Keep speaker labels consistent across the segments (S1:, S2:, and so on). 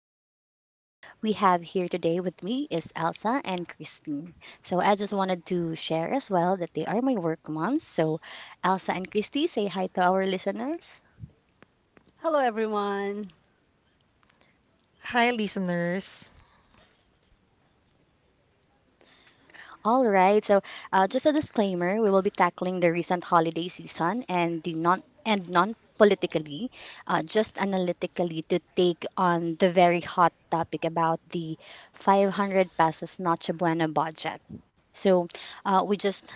S1: podcast. We have here today with me is Elsa and Christine. So I just wanted to share as well that they are my work moms. So Elsa and Christy, say hi to our listeners.
S2: Hello, everyone.
S3: Hi, listeners.
S1: All right. So just a disclaimer: we will be tackling the recent holiday season and the non politically, just analytically to take on the very hot topic about the 500 pesos Noche Buena budget. So uh, we just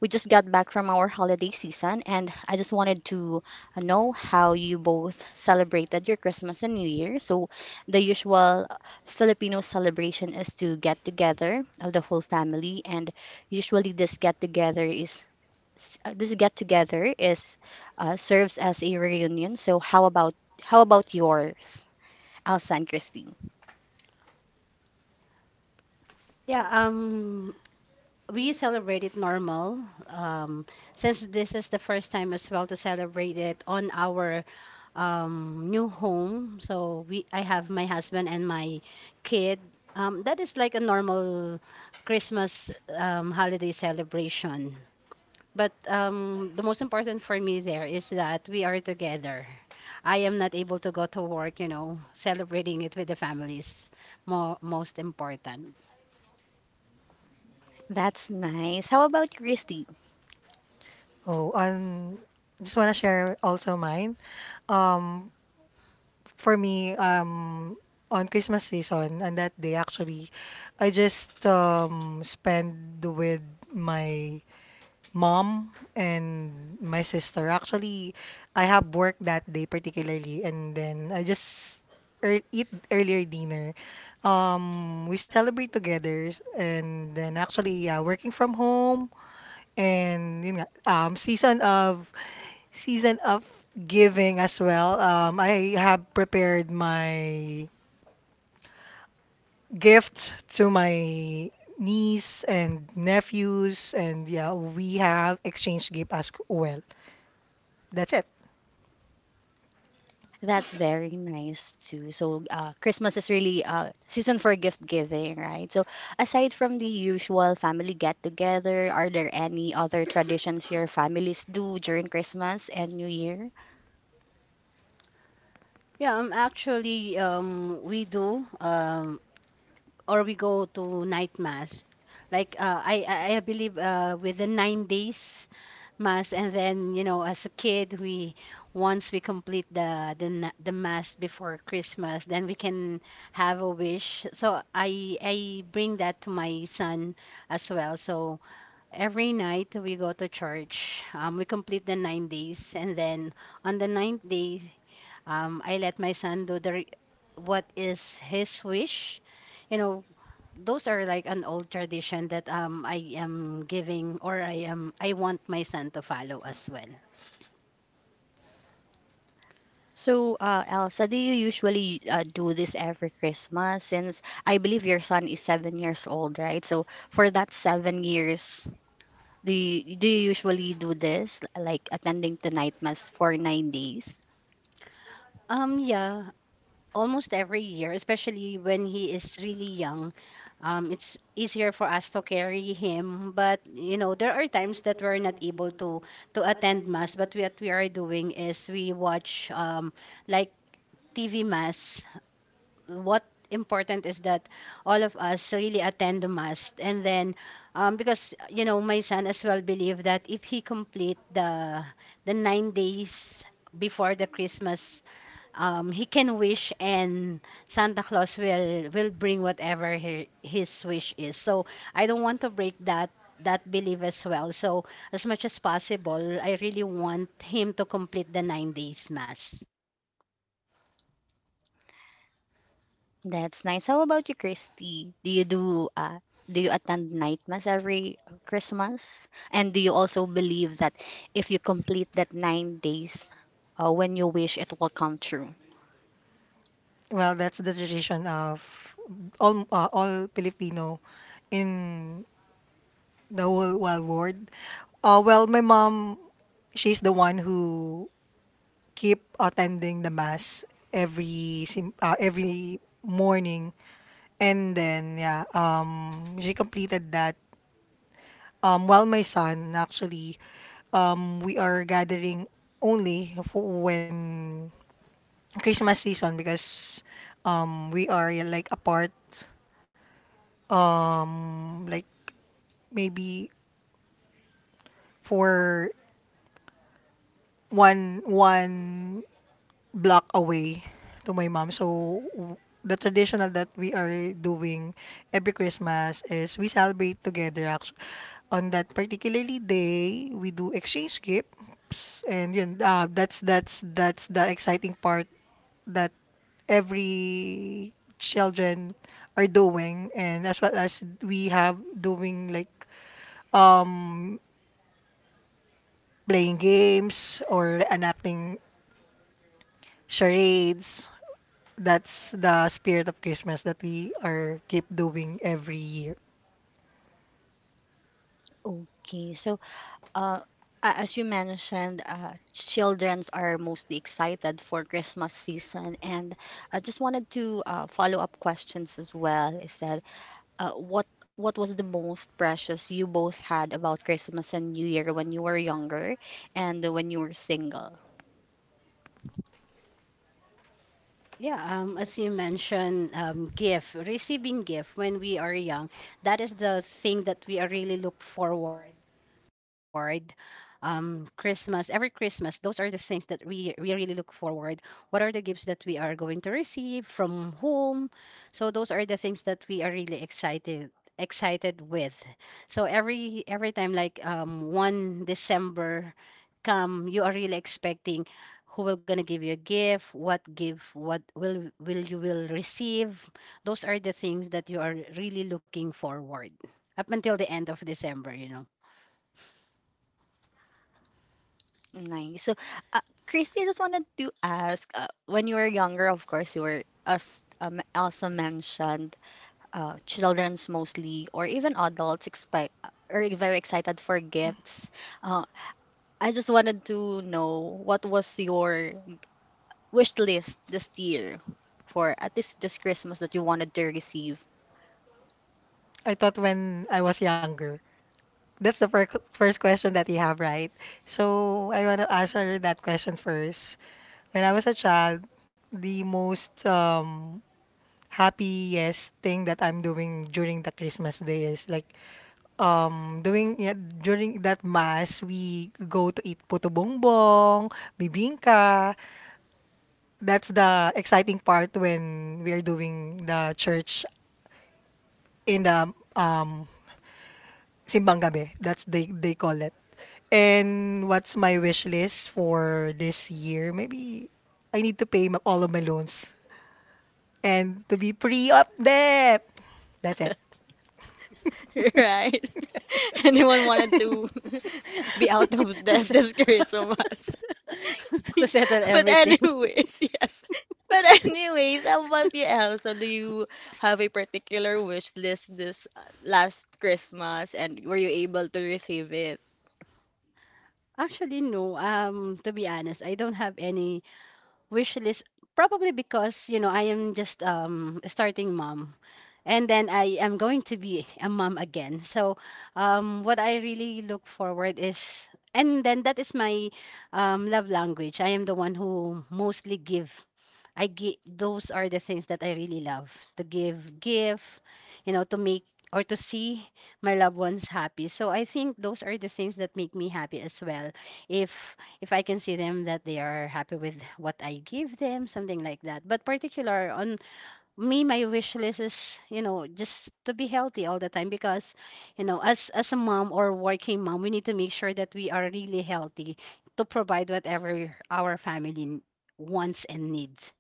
S1: we just got back from our holiday season, and I just wanted to know how you both celebrated your Christmas and New Year. So the usual Filipino celebration is to get together of the whole family, and usually this get together is this get together is serves as a reunion. So how about yours, Elsa and Christine?
S2: Yeah, um, we celebrated normal. Since this is the first time as well to celebrate it on our new home, so we I have my husband and my kid. That is like a normal Christmas holiday celebration. But the most important for me there is that we are together. I am not able to go to work, you know, celebrating it with the families. More most important.
S1: That's nice. How about Christine?
S3: Oh, on just want to share also mine. Um, for me, on Christmas season, on that day actually, I just spend with my mom and my sister. Actually, I have work that day particularly, and then I just ear eat earlier dinner. We celebrate together, and then actually, yeah, working from home. And yun nga, season of giving as well. I have prepared my gifts to my niece and nephews, and yeah, we have exchange gift as well. That's it.
S1: That's very nice too. So, Christmas is really season for gift giving, right? So, aside from the usual family get together, are there any other traditions your families do during Christmas and New Year?
S2: We do, or we go to night mass. Like, I believe, within 9 days mass, and then, you know, as a kid, we once we complete the mass before Christmas, then we can have a wish. So I bring that to my son as well. So every night we go to church. We complete the 9 days, and then on the ninth day, I let my son do what is his wish. You know, those are like an old tradition that I am giving or I want my son to follow as well.
S1: So, Elsa, do you usually do this every Christmas? Since I believe your son is 7 years old, right? So, for that 7 years, do you usually do this, like attending the night mass for 9 days?
S2: Um, yeah, almost every year, especially when he is really young. It's easier for us to carry him, but you know there are times that we're not able to attend mass. But what we are doing is we watch like TV mass. What important is that all of us really attend the mass, and then because you know my son as well believe that if he complete the 9 days before the Christmas he can wish and Santa Claus will bring whatever he, his wish is. So I don't want to break that belief as well. So as much as possible, I really want him to complete the 9 days mass.
S1: That's nice. How about you, Christy? Do you do do you attend night mass every Christmas? And do you also believe that if you complete that 9 days, when you wish, it will come true?
S3: Well, that's the tradition of all Filipino in the whole wide world. Well, my mom, she's the one who keep attending the mass every morning, and then yeah, she completed that, while my son actually, we are gathering only for when Christmas season, because we are, yeah, like apart, like maybe for one block away to my mom. The traditional that we are doing every Christmas is we celebrate together. Actually, on that particularly day, we do exchange gifts, and yun, that's the exciting part that every children are doing, and as well as we have doing like um playing games or enacting charades. That's the spirit of Christmas that we are keep doing every year.
S1: Okay, so uh, as you mentioned, childrens are mostly excited for Christmas season, and I just wanted to follow up questions as well. Is that uh, what what was the most precious you both had about Christmas and New Year when you were younger and when you were single?
S2: Yeah, as you mentioned, gift, receiving gift when we are young, that is the thing that we are really look forward. Christmas, every Christmas, those are the things that we really look forward. What are the gifts that we are going to receive from whom? So those are the things that we are really excited with. So every time, like one December come you are really expecting who will gonna give you a gift, what gift what will you will receive, those are the things that you are really looking forward up until the end of December, you know.
S1: Nice. So, uh, Christy, I just wanted to ask, when you were younger, of course, you were, as Elsa mentioned, children's mostly, or even adults, are very excited for gifts. Uh, I just wanted to know what was your wish list this year for at least this Christmas that you wanted to receive?
S3: I thought when I was younger. That's the first question that you have, right? So I want to answer that question first. When I was a child, the most happiest thing that I'm doing during the Christmas day is like doing, yeah, during that mass we go to eat puto bongbong, bibingka. That's the exciting part when we are doing the church in the simbang gabi. That's they call it. And what's my wish list for this year? Maybe I need to pay all of my loans and to be free of debt. That's it.
S1: Right? Anyone wanted to be out of
S2: to,
S1: the
S2: se-
S1: disgrace of us.
S2: to settle
S1: But
S2: everything
S1: anyways, yes. But anyways, how about you, Elsa? Do you have a particular wish list this last Christmas, and were you able to receive it?
S2: actually no, to be honest I don't have any wish list, probably because you know I am just a starting mom, and then I am going to be a mom again. So, what I really look forward is, and then that is my love language. I am the one who mostly give. I give. Those are the things that I really love to give, you know, to make or to see my loved ones happy. So I think those are the things that make me happy as well. If if I can see them that they are happy with what I give them, something like that. But particular on me my wish list is you know just to be healthy all the time because you know as a mom or working mom we need to make sure that we are really healthy to provide whatever our family wants and needs,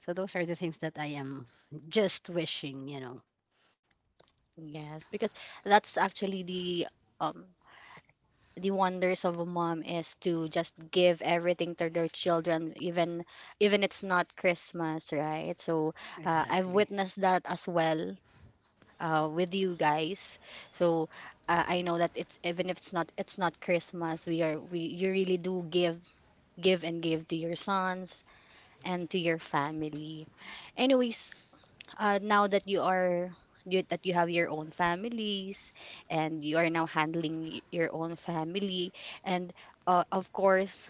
S2: so those are the things that I am just wishing, you know.
S1: Yes, because that's actually the um wonders of a mom is to just give everything to their children, even even it's not Christmas, right? So I've
S2: Exactly.
S1: witnessed that as well, with you guys. So I know that it's, even if it's not, it's not Christmas, we you really do give and give to your sons and to your family. Anyways, now that you, that you have your own families and you are now handling your own family, and of course,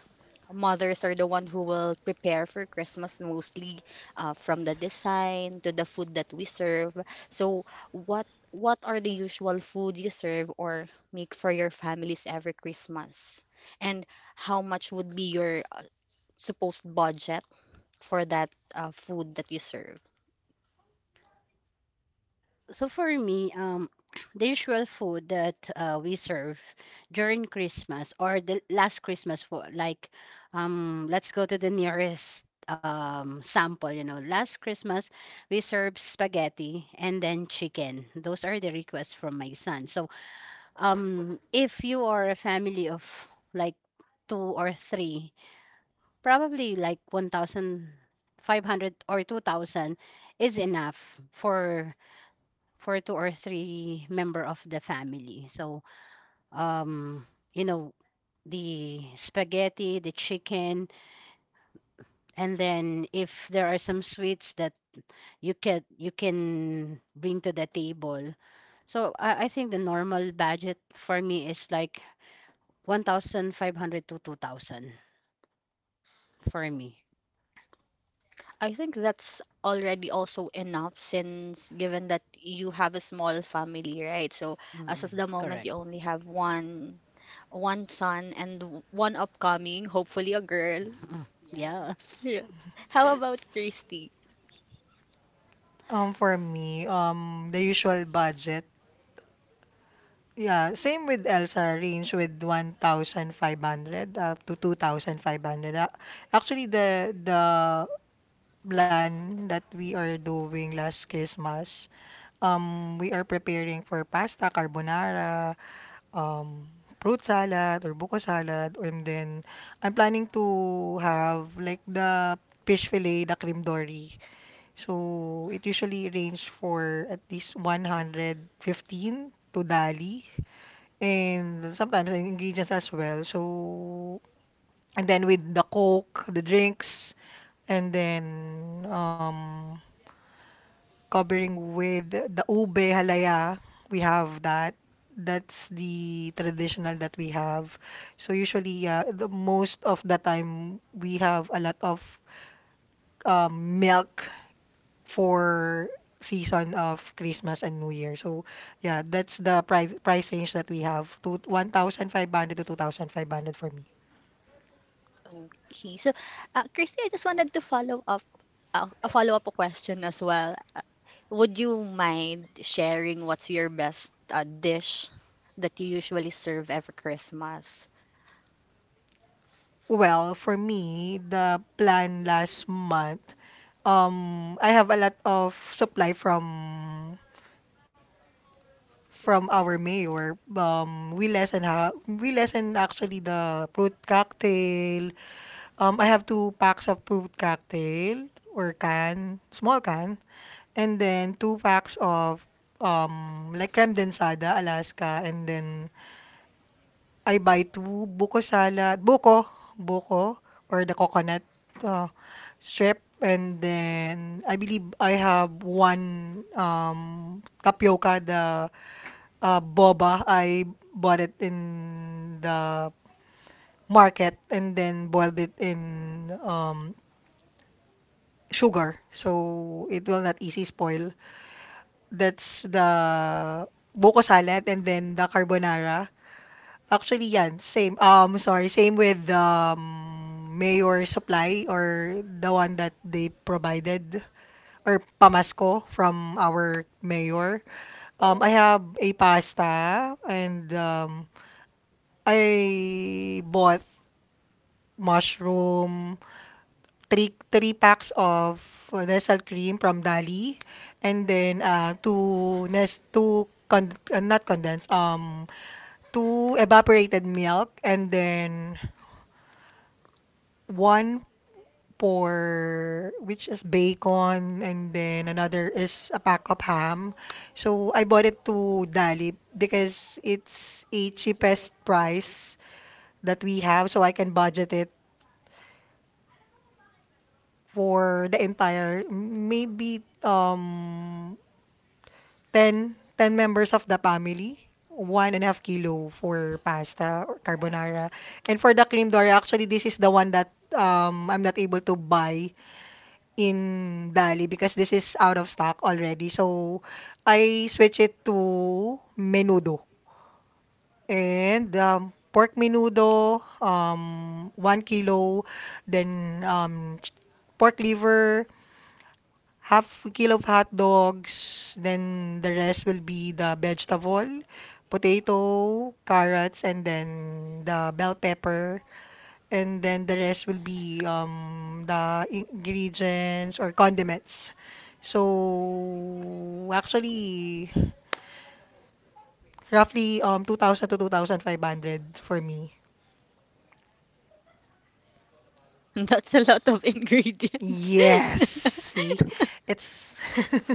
S1: mothers are the one who will prepare for Christmas mostly, from the design to the food that we serve. So what are the usual food you serve or make for your families every Christmas, and how much would be your supposed budget for that food that you serve?
S2: So for me, the usual food that we serve during Christmas or the last Christmas for like, let's go to the nearest sample. You know, last Christmas we served spaghetti and then chicken. Those are the requests from my son. So if you are a family of like two or three, probably like 1,500 or 2,000 is enough for for two or three member of the family. So, um, you know, the spaghetti, the chicken, and then if there are some sweets that you can bring to the table. So I think the normal budget for me is like 1,500 to 2,000 for me.
S1: I think that's already also enough, since given that you have a small family, right? So as
S2: Mm.
S1: of the moment you
S2: Correct.
S1: only have one son and one upcoming, hopefully a girl.
S2: Mm. Yeah.
S1: Yes. How about Christy?
S3: For me, the usual budget. Yeah, same with Elsa, range with 1,500 up to 2,500. Actually, the plan that we are doing last Christmas. We are preparing for pasta, carbonara, um, fruit salad or buko salad, and then I'm planning to have like the fish fillet, the cream dory. So it usually range for at least 115 to dali, and sometimes the ingredients as well. So and then with the coke, the drinks, and then covering with the ube halaya. We have that. That's the traditional that we have. So usually, the most of the time, we have a lot of milk for season of Christmas and New Year. So yeah, that's the price range that we have to 1,500 to 2,500 for me.
S1: Okay. So Christy, I just wanted to follow up a follow up a question as well. Would you mind sharing what's your best dish that you usually serve every Christmas?
S3: Well, for me, the plan last month, I have a lot of supply from our mayor, we lessen actually the fruit cocktail. I have two packs of fruit cocktail or can, small can, and then two packs of like creme densada Alaska, and then I buy two buko salad, buko or the coconut, uh, strip. And then I believe I have one tapioca, the boba. I bought it in the market and then boiled it in sugar. So it will not easy spoil. That's the buko salad and then the carbonara. Actually, yan. Same. Sorry. Same with Mayor Supply or the one that they provided or Pamasco from our mayor. I have a pasta and I bought mushroom, three packs of Nestle cream from Dali, and then two nest two con not condensed, two evaporated milk, and then one for which is bacon, and then another is a pack of ham. So I bought it to Dali because it's a cheapest price that we have, so I can budget it for the entire, maybe ten members of the family. 1.5 kilo for pasta or carbonara, and for the cream dory, actually this is the one that I'm not able to buy in Dali because this is out of stock already, so I switch it to menudo. And pork menudo, 1 kilo, then pork liver, half a kilo of hot dogs, then the rest will be the vegetable, potato, carrots, and then the bell pepper, and then the rest will be the ingredients or condiments. So actually, roughly 2000 to 2500 for me.
S1: That's a lot of ingredients.
S3: Yes, see? It's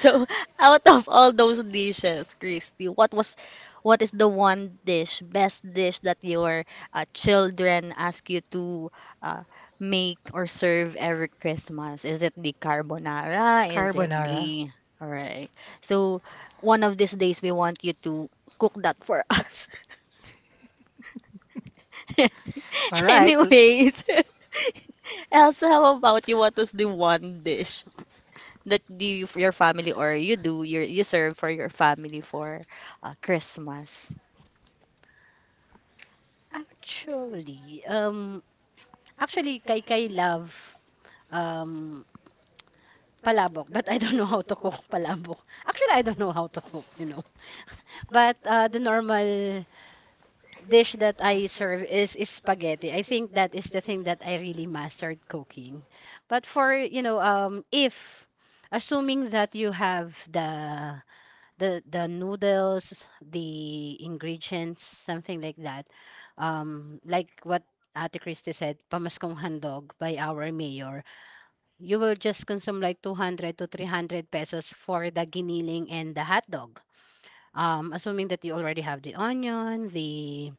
S1: So, out of all those dishes, Christy, what is the one dish, best dish that your children ask you to uh, make or serve every Christmas? Is it the carbonara? Is it
S3: carbonara.
S1: the— All right. So, one of these days we want you to cook that for us.
S3: All right.
S1: Anyways, Elsa, how about you? What was the one dish that you your family or you do your you serve for your family for Christmas?
S2: Actually, um, actually, kay love, um, Palabok, but I don't know how to cook palabok. Actually, I don't know how to cook, you know. But the normal dish that I serve is spaghetti. I think that is the thing that I really mastered cooking. But for, you know, if assuming that you have the noodles, the ingredients, something like that, like what Ate Christie said, pamaskong handog by our mayor, you will just consume like 200 to 300 pesos for the giniling and the hot dog. Assuming that you already have the onion, the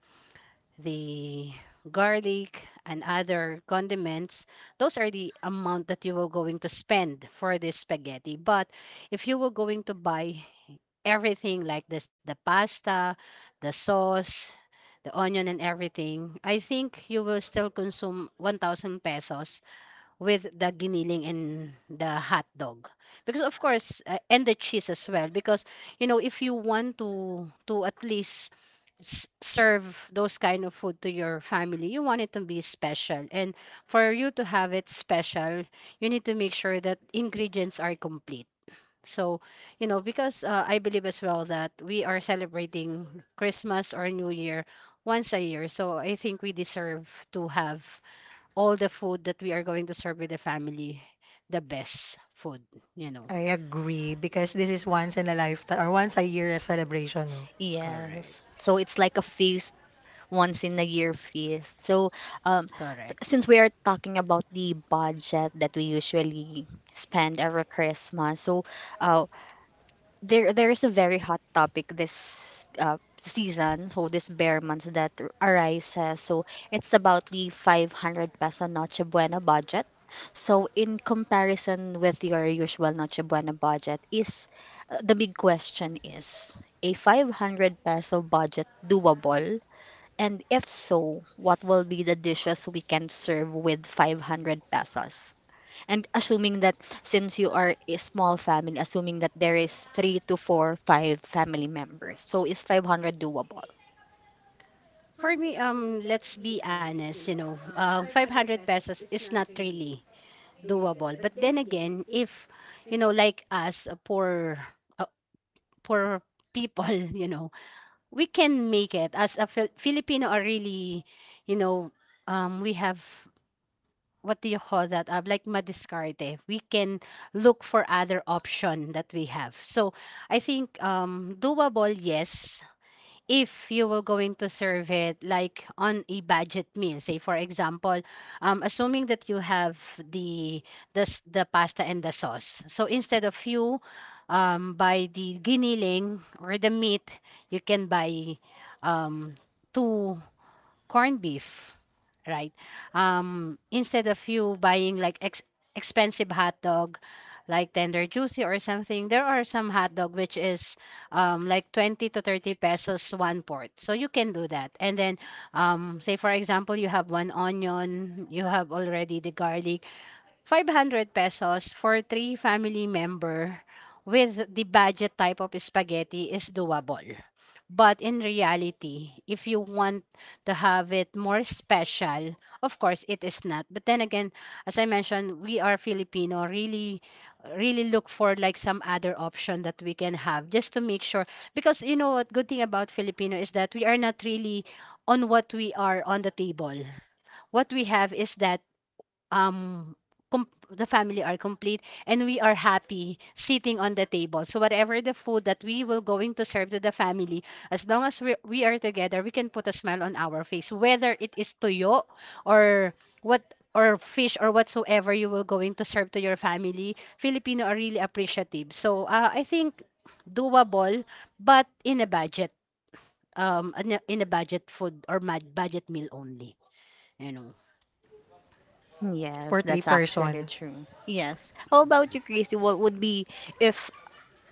S2: the garlic, and other condiments, those are the amount that you will going to spend for this spaghetti. But if you were going to buy everything like this, the pasta, the sauce, the onion and everything, I think you will still consume 1,000 pesos with the giniling and the hot dog because of course and the cheese as well because you know if you want to at least serve those kind of food to your family you want it to be special, and for you to have it special you need to make sure that ingredients are complete. So you know because I believe as well that we are celebrating Christmas or New Year once a year, so I think we deserve to have all the food that we are going to serve with the family, the best food, you know.
S3: I agree because this is once in a lifetime or once a year celebration, no?
S1: Yes.
S2: Correct.
S1: So it's like a feast, once in a year feast. So um
S2: Correct.
S1: since we are talking about the budget that we usually spend every Christmas, so uh there there is a very hot topic this season, so this bear months that arises. So it's about the 500 peso Noche Buena budget. So, in comparison with your usual Noche Buena budget, is the big question is, a 500 peso budget doable? And if so, what will be the dishes we can serve with 500 pesos? And assuming that, since you are a small family, assuming that there is three to four, five family members, so is 500 doable?
S2: For me, let's be honest, you know, 500 pesos is not really doable. But then again, if, you know, like us, uh, poor people, you know, we can make it. As a Filipino are really, you know, we have, what do you call that? Like madiscarte. We can look for other option that we have. So I think doable, yes. If you will going to serve it like on a budget meal, say for example, assuming that you have the the pasta and the sauce. So instead of you buy the giniling or the meat, you can buy um, two corned beef, right? Instead of you buying like ex expensive hot dog, like tender juicy or something, there are some hot dog which is like 20 to 30 pesos one port. So you can do that. And then, say for example, you have one onion, you have already the garlic, 500 pesos for three family member with the budget type of spaghetti is doable. But in reality, if you want to have it more special, of course it is not. But then again, as I mentioned, we are Filipino, really look for like some other option that we can have just to make sure, because you know what good thing about Filipino is that we are not really on what we are on the table. What we have is that um the family are complete and we are happy sitting on the table, so whatever the food that we will going to serve to the family, as long as we are together we can put a smile on our face, whether it is tuyo or what or fish or whatsoever you will going to serve to your family, Filipino are really appreciative, so I think doable, but in a budget, in a budget food or mad budget meal only, you know.
S1: Yes,
S3: For three
S1: that's actually
S3: person.
S1: true. Yes. How about
S2: Mm.
S1: you, Christy? What would be if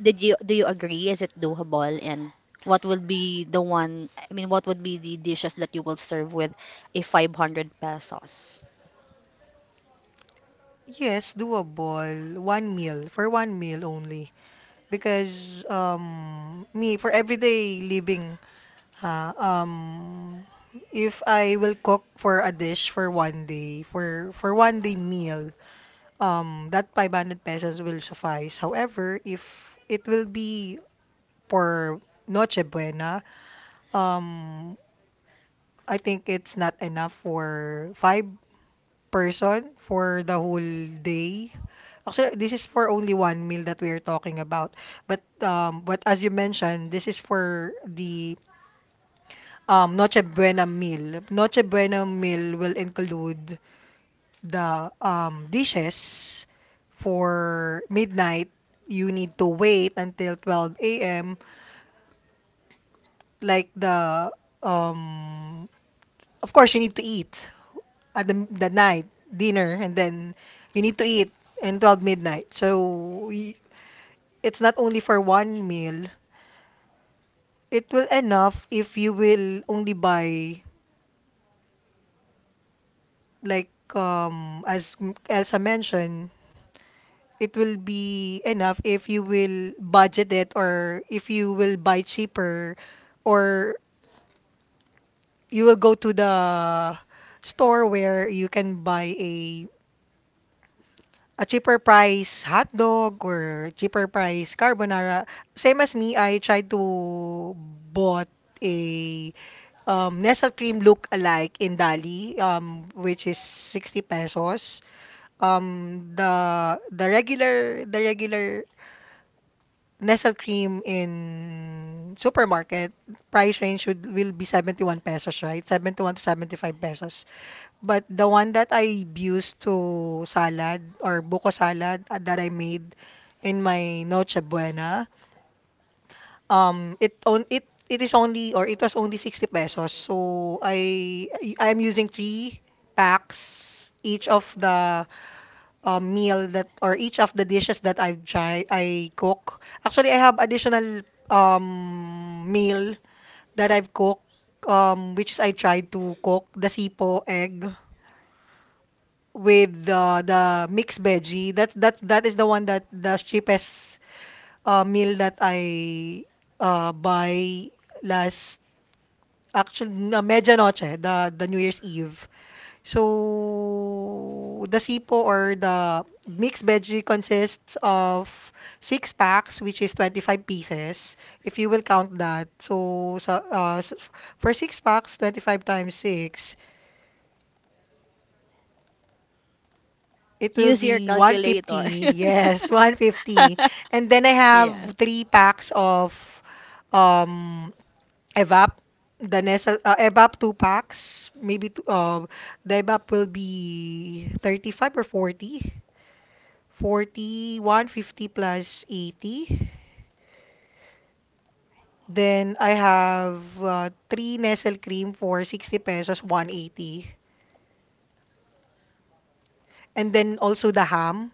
S1: did you— do you agree? Is it doable? And what would be the one? I mean, what would be the dishes that you will serve with a 500 pesos?
S3: Yes, doable. One meal, for one meal only, because me for everyday living, ha, if I will cook for a dish for one day, for one day meal, that 500 pesos will suffice. However, if it will be for Noche Buena, um I think it's not enough for five person for the whole day. Actually, this is for only one meal that we are talking about. But as you mentioned, this is for the Noche Buena meal. Noche Buena meal will include the dishes for midnight. You need to wait until 12 a.m., like the um Of course, you need to eat at the night dinner, and then you need to eat in 12 midnight. It's not only for one meal. It will enough if you will only buy, like, as Elsa mentioned. It will be enough if you will budget it, or if you will buy cheaper, or you will go to the store where you can buy a cheaper price hot dog or cheaper price carbonara. Same as me, I tried to bought a Nestle cream look alike in Dali, which is 60 pesos. The regular Nestle cream in supermarket price range would will be 71 pesos, right? 71 to 75 pesos. But the one that I used to salad or buko salad, that I made in my Noche Buena, um, it on it it is only, or it was only, 60 pesos. So I'm using three packs each of the meal that, or each of the dishes that I've tried I cook. Actually, I have additional meal that I've cooked, which is, I tried to cook the sipo egg, with the mixed veggie. That is the one that the cheapest meal that I buy last, actually, na medianoche, the New Year's Eve. So the sipo or the mixed veggie consists of six packs, which is 25 pieces, if you will count that. So sa, for six packs, 25 times six. It will
S1: Use your
S3: be one
S1: calculator.
S3: fifty Yes, 150. And then I
S1: Yeah.
S3: have three packs of um evap, the nestle, evap. Two packs, maybe the evap will be 35, or forty, one fifty plus 80. Then I have, three nestle cream for 60 pesos, 180. And then also the ham.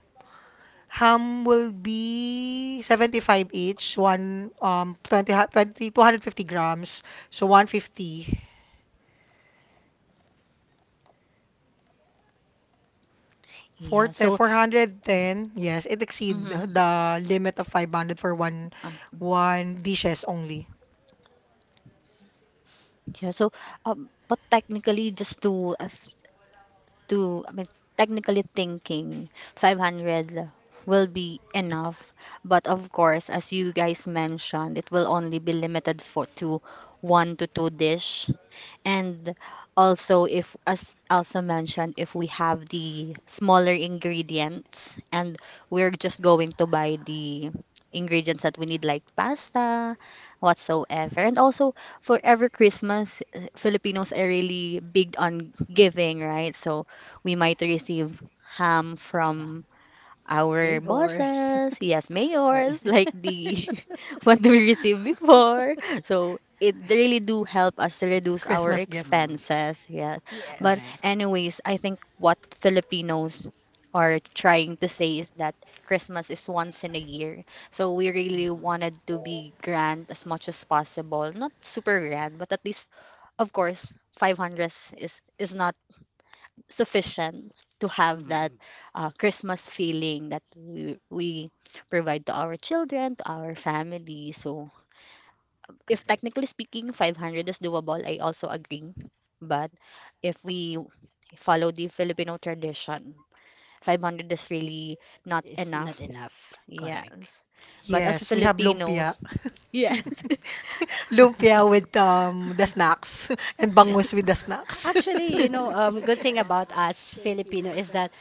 S3: Ham will be 75 each, one, 20, 2,250 grams, so 150.
S1: Yeah.
S3: Te
S1: So,
S3: 410, yes, it exceed
S1: mm-hmm.
S3: the limit of 500 for one dishes only.
S1: Yeah, so but technically, just to as to, I mean, technically thinking, 500 will be enough. But of course, as you guys mentioned, it will only be limited for to one to two dish. And also, if, as also mentioned, if we have the smaller ingredients and we're just going to buy the ingredients that we need, like pasta, whatsoever. And also, for every Christmas, Filipinos are really big on giving, right? So, we might receive ham
S2: Like sa
S1: from our
S2: neighbors.
S1: bosses, yes, mayors, like the what we received before. So it really do help us to reduce our
S3: Christmas gift.
S2: Mm,
S1: expenses, yes. But
S3: Yes.
S2: correct.
S1: anyways, I think what Filipinos are trying to say is that Christmas is once in a year. So we really
S2: Mm-mm,
S1: wanted to be grand as much as possible. Not super grand, but at least, of course, 500 is not sufficient to have that
S2: mm-mm,
S1: Christmas feeling that we provide to our children, to our family. So, if
S2: correct.
S1: technically speaking, 500 is doable, I also agree. But if we follow the Filipino tradition, 500 is really not
S2: It's
S1: enough.
S2: not enough.
S1: Yes.
S2: Correct.
S1: But as
S3: Yes, we have
S1: Filipinos,
S3: lumpia.
S1: yes,
S3: Lumpia with the snacks. And bangus
S1: yes,
S3: with the snacks.
S2: Actually, you know, good thing about us Filipino is that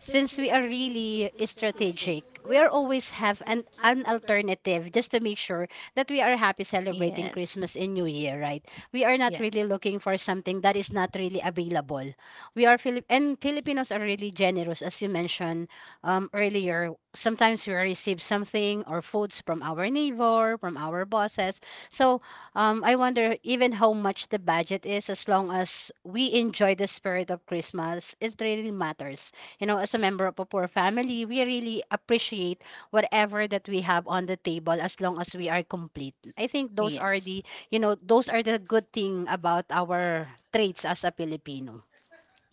S2: since we are really strategic, we are always have an alternative just to make sure that we are happy celebrating
S1: yes,
S2: Christmas and New Year, right? We are not really
S1: yes,
S2: looking for something that is not really available. We are Filipinos are really generous, as you mentioned earlier. Sometimes we receive something or foods from our neighbor, from our bosses. So I wonder even how much the budget is, as long as we enjoy the spirit of Christmas, it really matters, you know, as a member of a poor family, we really appreciate whatever that we have on the table as long as we are complete. I think those are
S1: yes.
S2: the, you know, those are the good thing about our traits as a Filipino,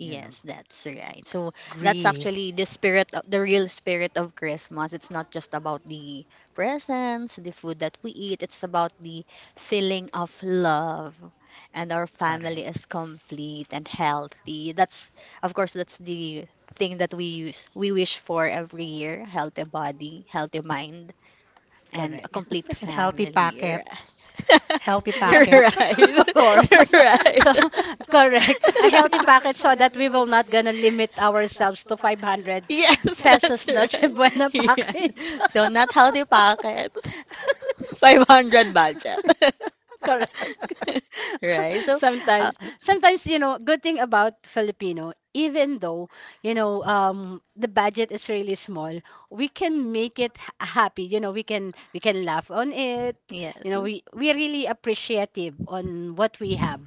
S2: you know.
S1: that's right. So that's
S3: Agree.
S1: actually the spirit, of the real spirit of Christmas. It's not just about the presents, the food that we eat, it's about the feeling of love and our family
S2: Correct.
S1: is complete and healthy. That's, of course, that's the thing that we wish for every year, healthy body, healthy mind, and a
S2: Correct.
S1: complete
S3: And healthy
S1: family.
S3: packet. Healthy
S2: Yeah,
S3: packet.
S1: Right.
S2: of
S3: Of...
S2: course.
S1: Right.
S2: So, correct. A healthy packet so that we will not gonna limit ourselves to 500
S1: Yes, that's
S2: pesos Noche
S1: right.
S2: Buena
S1: Yeah.
S2: package.
S1: So not healthy pocket, 500 budget.
S2: Correct.
S3: correct.
S1: Right? So, uh,
S2: Sometimes, you know, good thing about Filipino, even though, you know, the budget is really small, we can make it happy. You know, we can laugh on it. You
S1: yes.
S2: know, we really appreciative on what we have.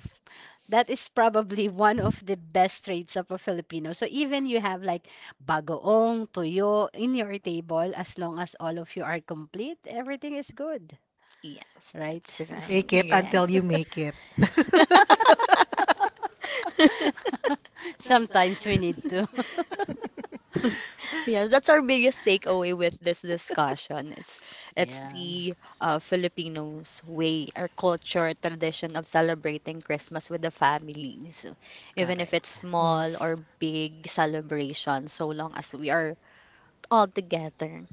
S2: That is probably one of the best traits of a Filipino. So even you have like bagoong, tuyo in your table, as long as all of you are complete, everything is good,
S1: Yes,
S2: right?
S1: that's right.
S3: Fake it
S1: Right.
S3: until you make it.
S2: Sometimes we need to.
S1: Yes, that's our biggest takeaway with this discussion. It's
S2: Yeah,
S1: the Filipinos' way, our culture, tradition of celebrating Christmas with the families. Even if
S2: correct.
S1: it's small
S3: Yes.
S1: or big celebration, so long as we are all together,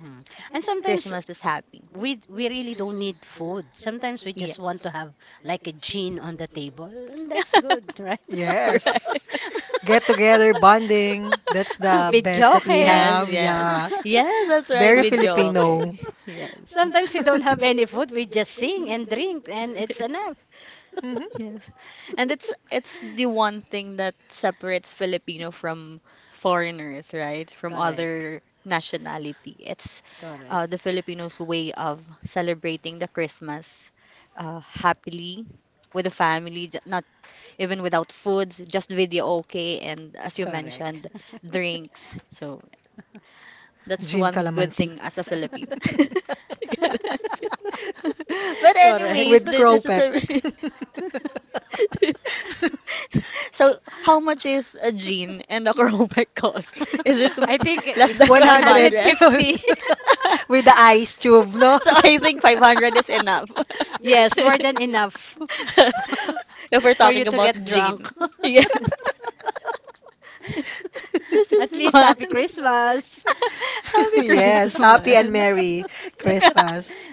S2: Mm. And sometimes
S1: Christmas is happy.
S2: we really don't need food. Sometimes we just want to
S1: Yes.
S2: have like a gin on the table, and that's good, right?
S1: Right.
S3: Yes. Get together bonding. That's...
S2: Bidyoke.
S1: Yes, yes.
S3: Yeah.
S1: Yes, that's right,
S3: Very
S1: videoke.
S3: Filipino.
S1: Yes.
S2: Sometimes we don't have any food, we just sing and drink, and it's enough.
S3: Mhm.
S1: Yes. And it's the one thing that separates Filipino from foreigners, right? From
S2: Correct,
S1: other nationality. It's
S2: correct,
S1: the Filipinos' way of celebrating the Christmas happily with the family, not even without foods, just video okay, and as you
S2: correct.
S1: mentioned, drinks. So that's
S3: Gin
S1: one good
S3: Calamansi.
S1: thing as a Filipino. That's it. But
S2: Correct.
S1: anyways, this is
S3: Cropek.
S1: a— so how much is a jean and a crowback cost? Is it
S2: I think
S1: less
S2: eh,
S1: than
S3: 100
S1: 500?
S2: 150.
S3: with the ice tube, no?
S1: So I think 500 is enough.
S2: Yes, more than enough
S1: If we're
S2: for you
S1: talking
S2: to
S1: about
S2: get
S3: For...
S1: jean.
S2: drunk.
S1: Yes. This is
S2: At least
S1: fun.
S2: happy Christmas.
S1: Happy
S3: Yes, happy
S1: Christmas.
S3: and merry Christmas.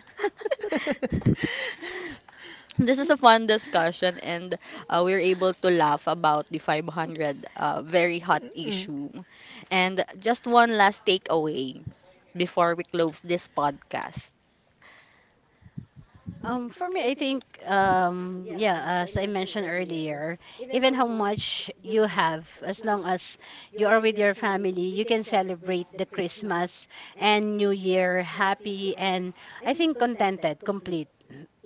S1: This is a fun discussion, and we are able to laugh about the 500 very hot
S3: Mm,
S1: issue, and just one last takeaway before we close this podcast.
S2: For me, I think, yeah, as I mentioned earlier, even how much you have, as long as you are with your family, you can celebrate the Christmas and New Year happy and I think contented, complete,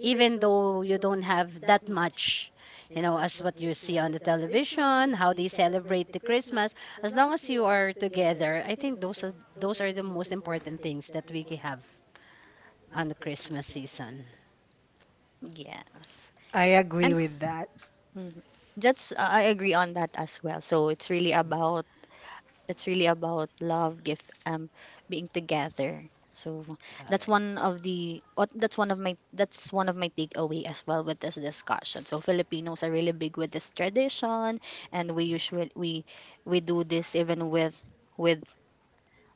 S2: even though you don't have that much, you know, as what you see on the television, how they celebrate the Christmas. As long as you are together, I think those are the most important things that we can have on the Christmas season.
S1: Yes,
S3: I agree
S1: and
S3: with that.
S1: mhm, just I agree on that as well. So it's really about— it's really about love, gift, being together. So that's
S2: Correct.
S1: one of the what that's one of my that's one of my takeaway as well with this discussion. So Filipinos are really big with this tradition, and we usually we do this even with with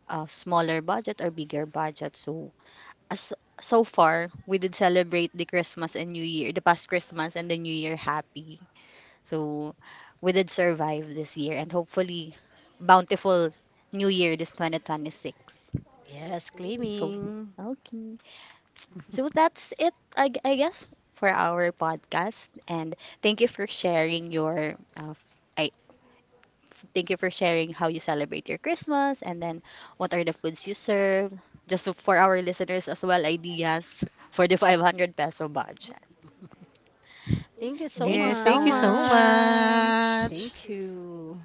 S1: a smaller budget or bigger budget. So, as so far, we did celebrate the Christmas and New Year, the past Christmas and the New Year happy. So we did survive this year and hopefully bountiful new year this 2026.
S2: Yes,
S1: So,
S2: claiming.
S1: okay. So that's it, I guess, for our podcast. And thank you for sharing your, uh, I thank you for sharing how you celebrate your Christmas and then what are the foods you serve. Just for our listeners as well, ideas for the 500 peso budget.
S2: Thank you so
S1: Thank you
S3: Yes, thank
S1: so
S3: you so
S2: much.
S1: much.
S3: much.
S2: Thank you.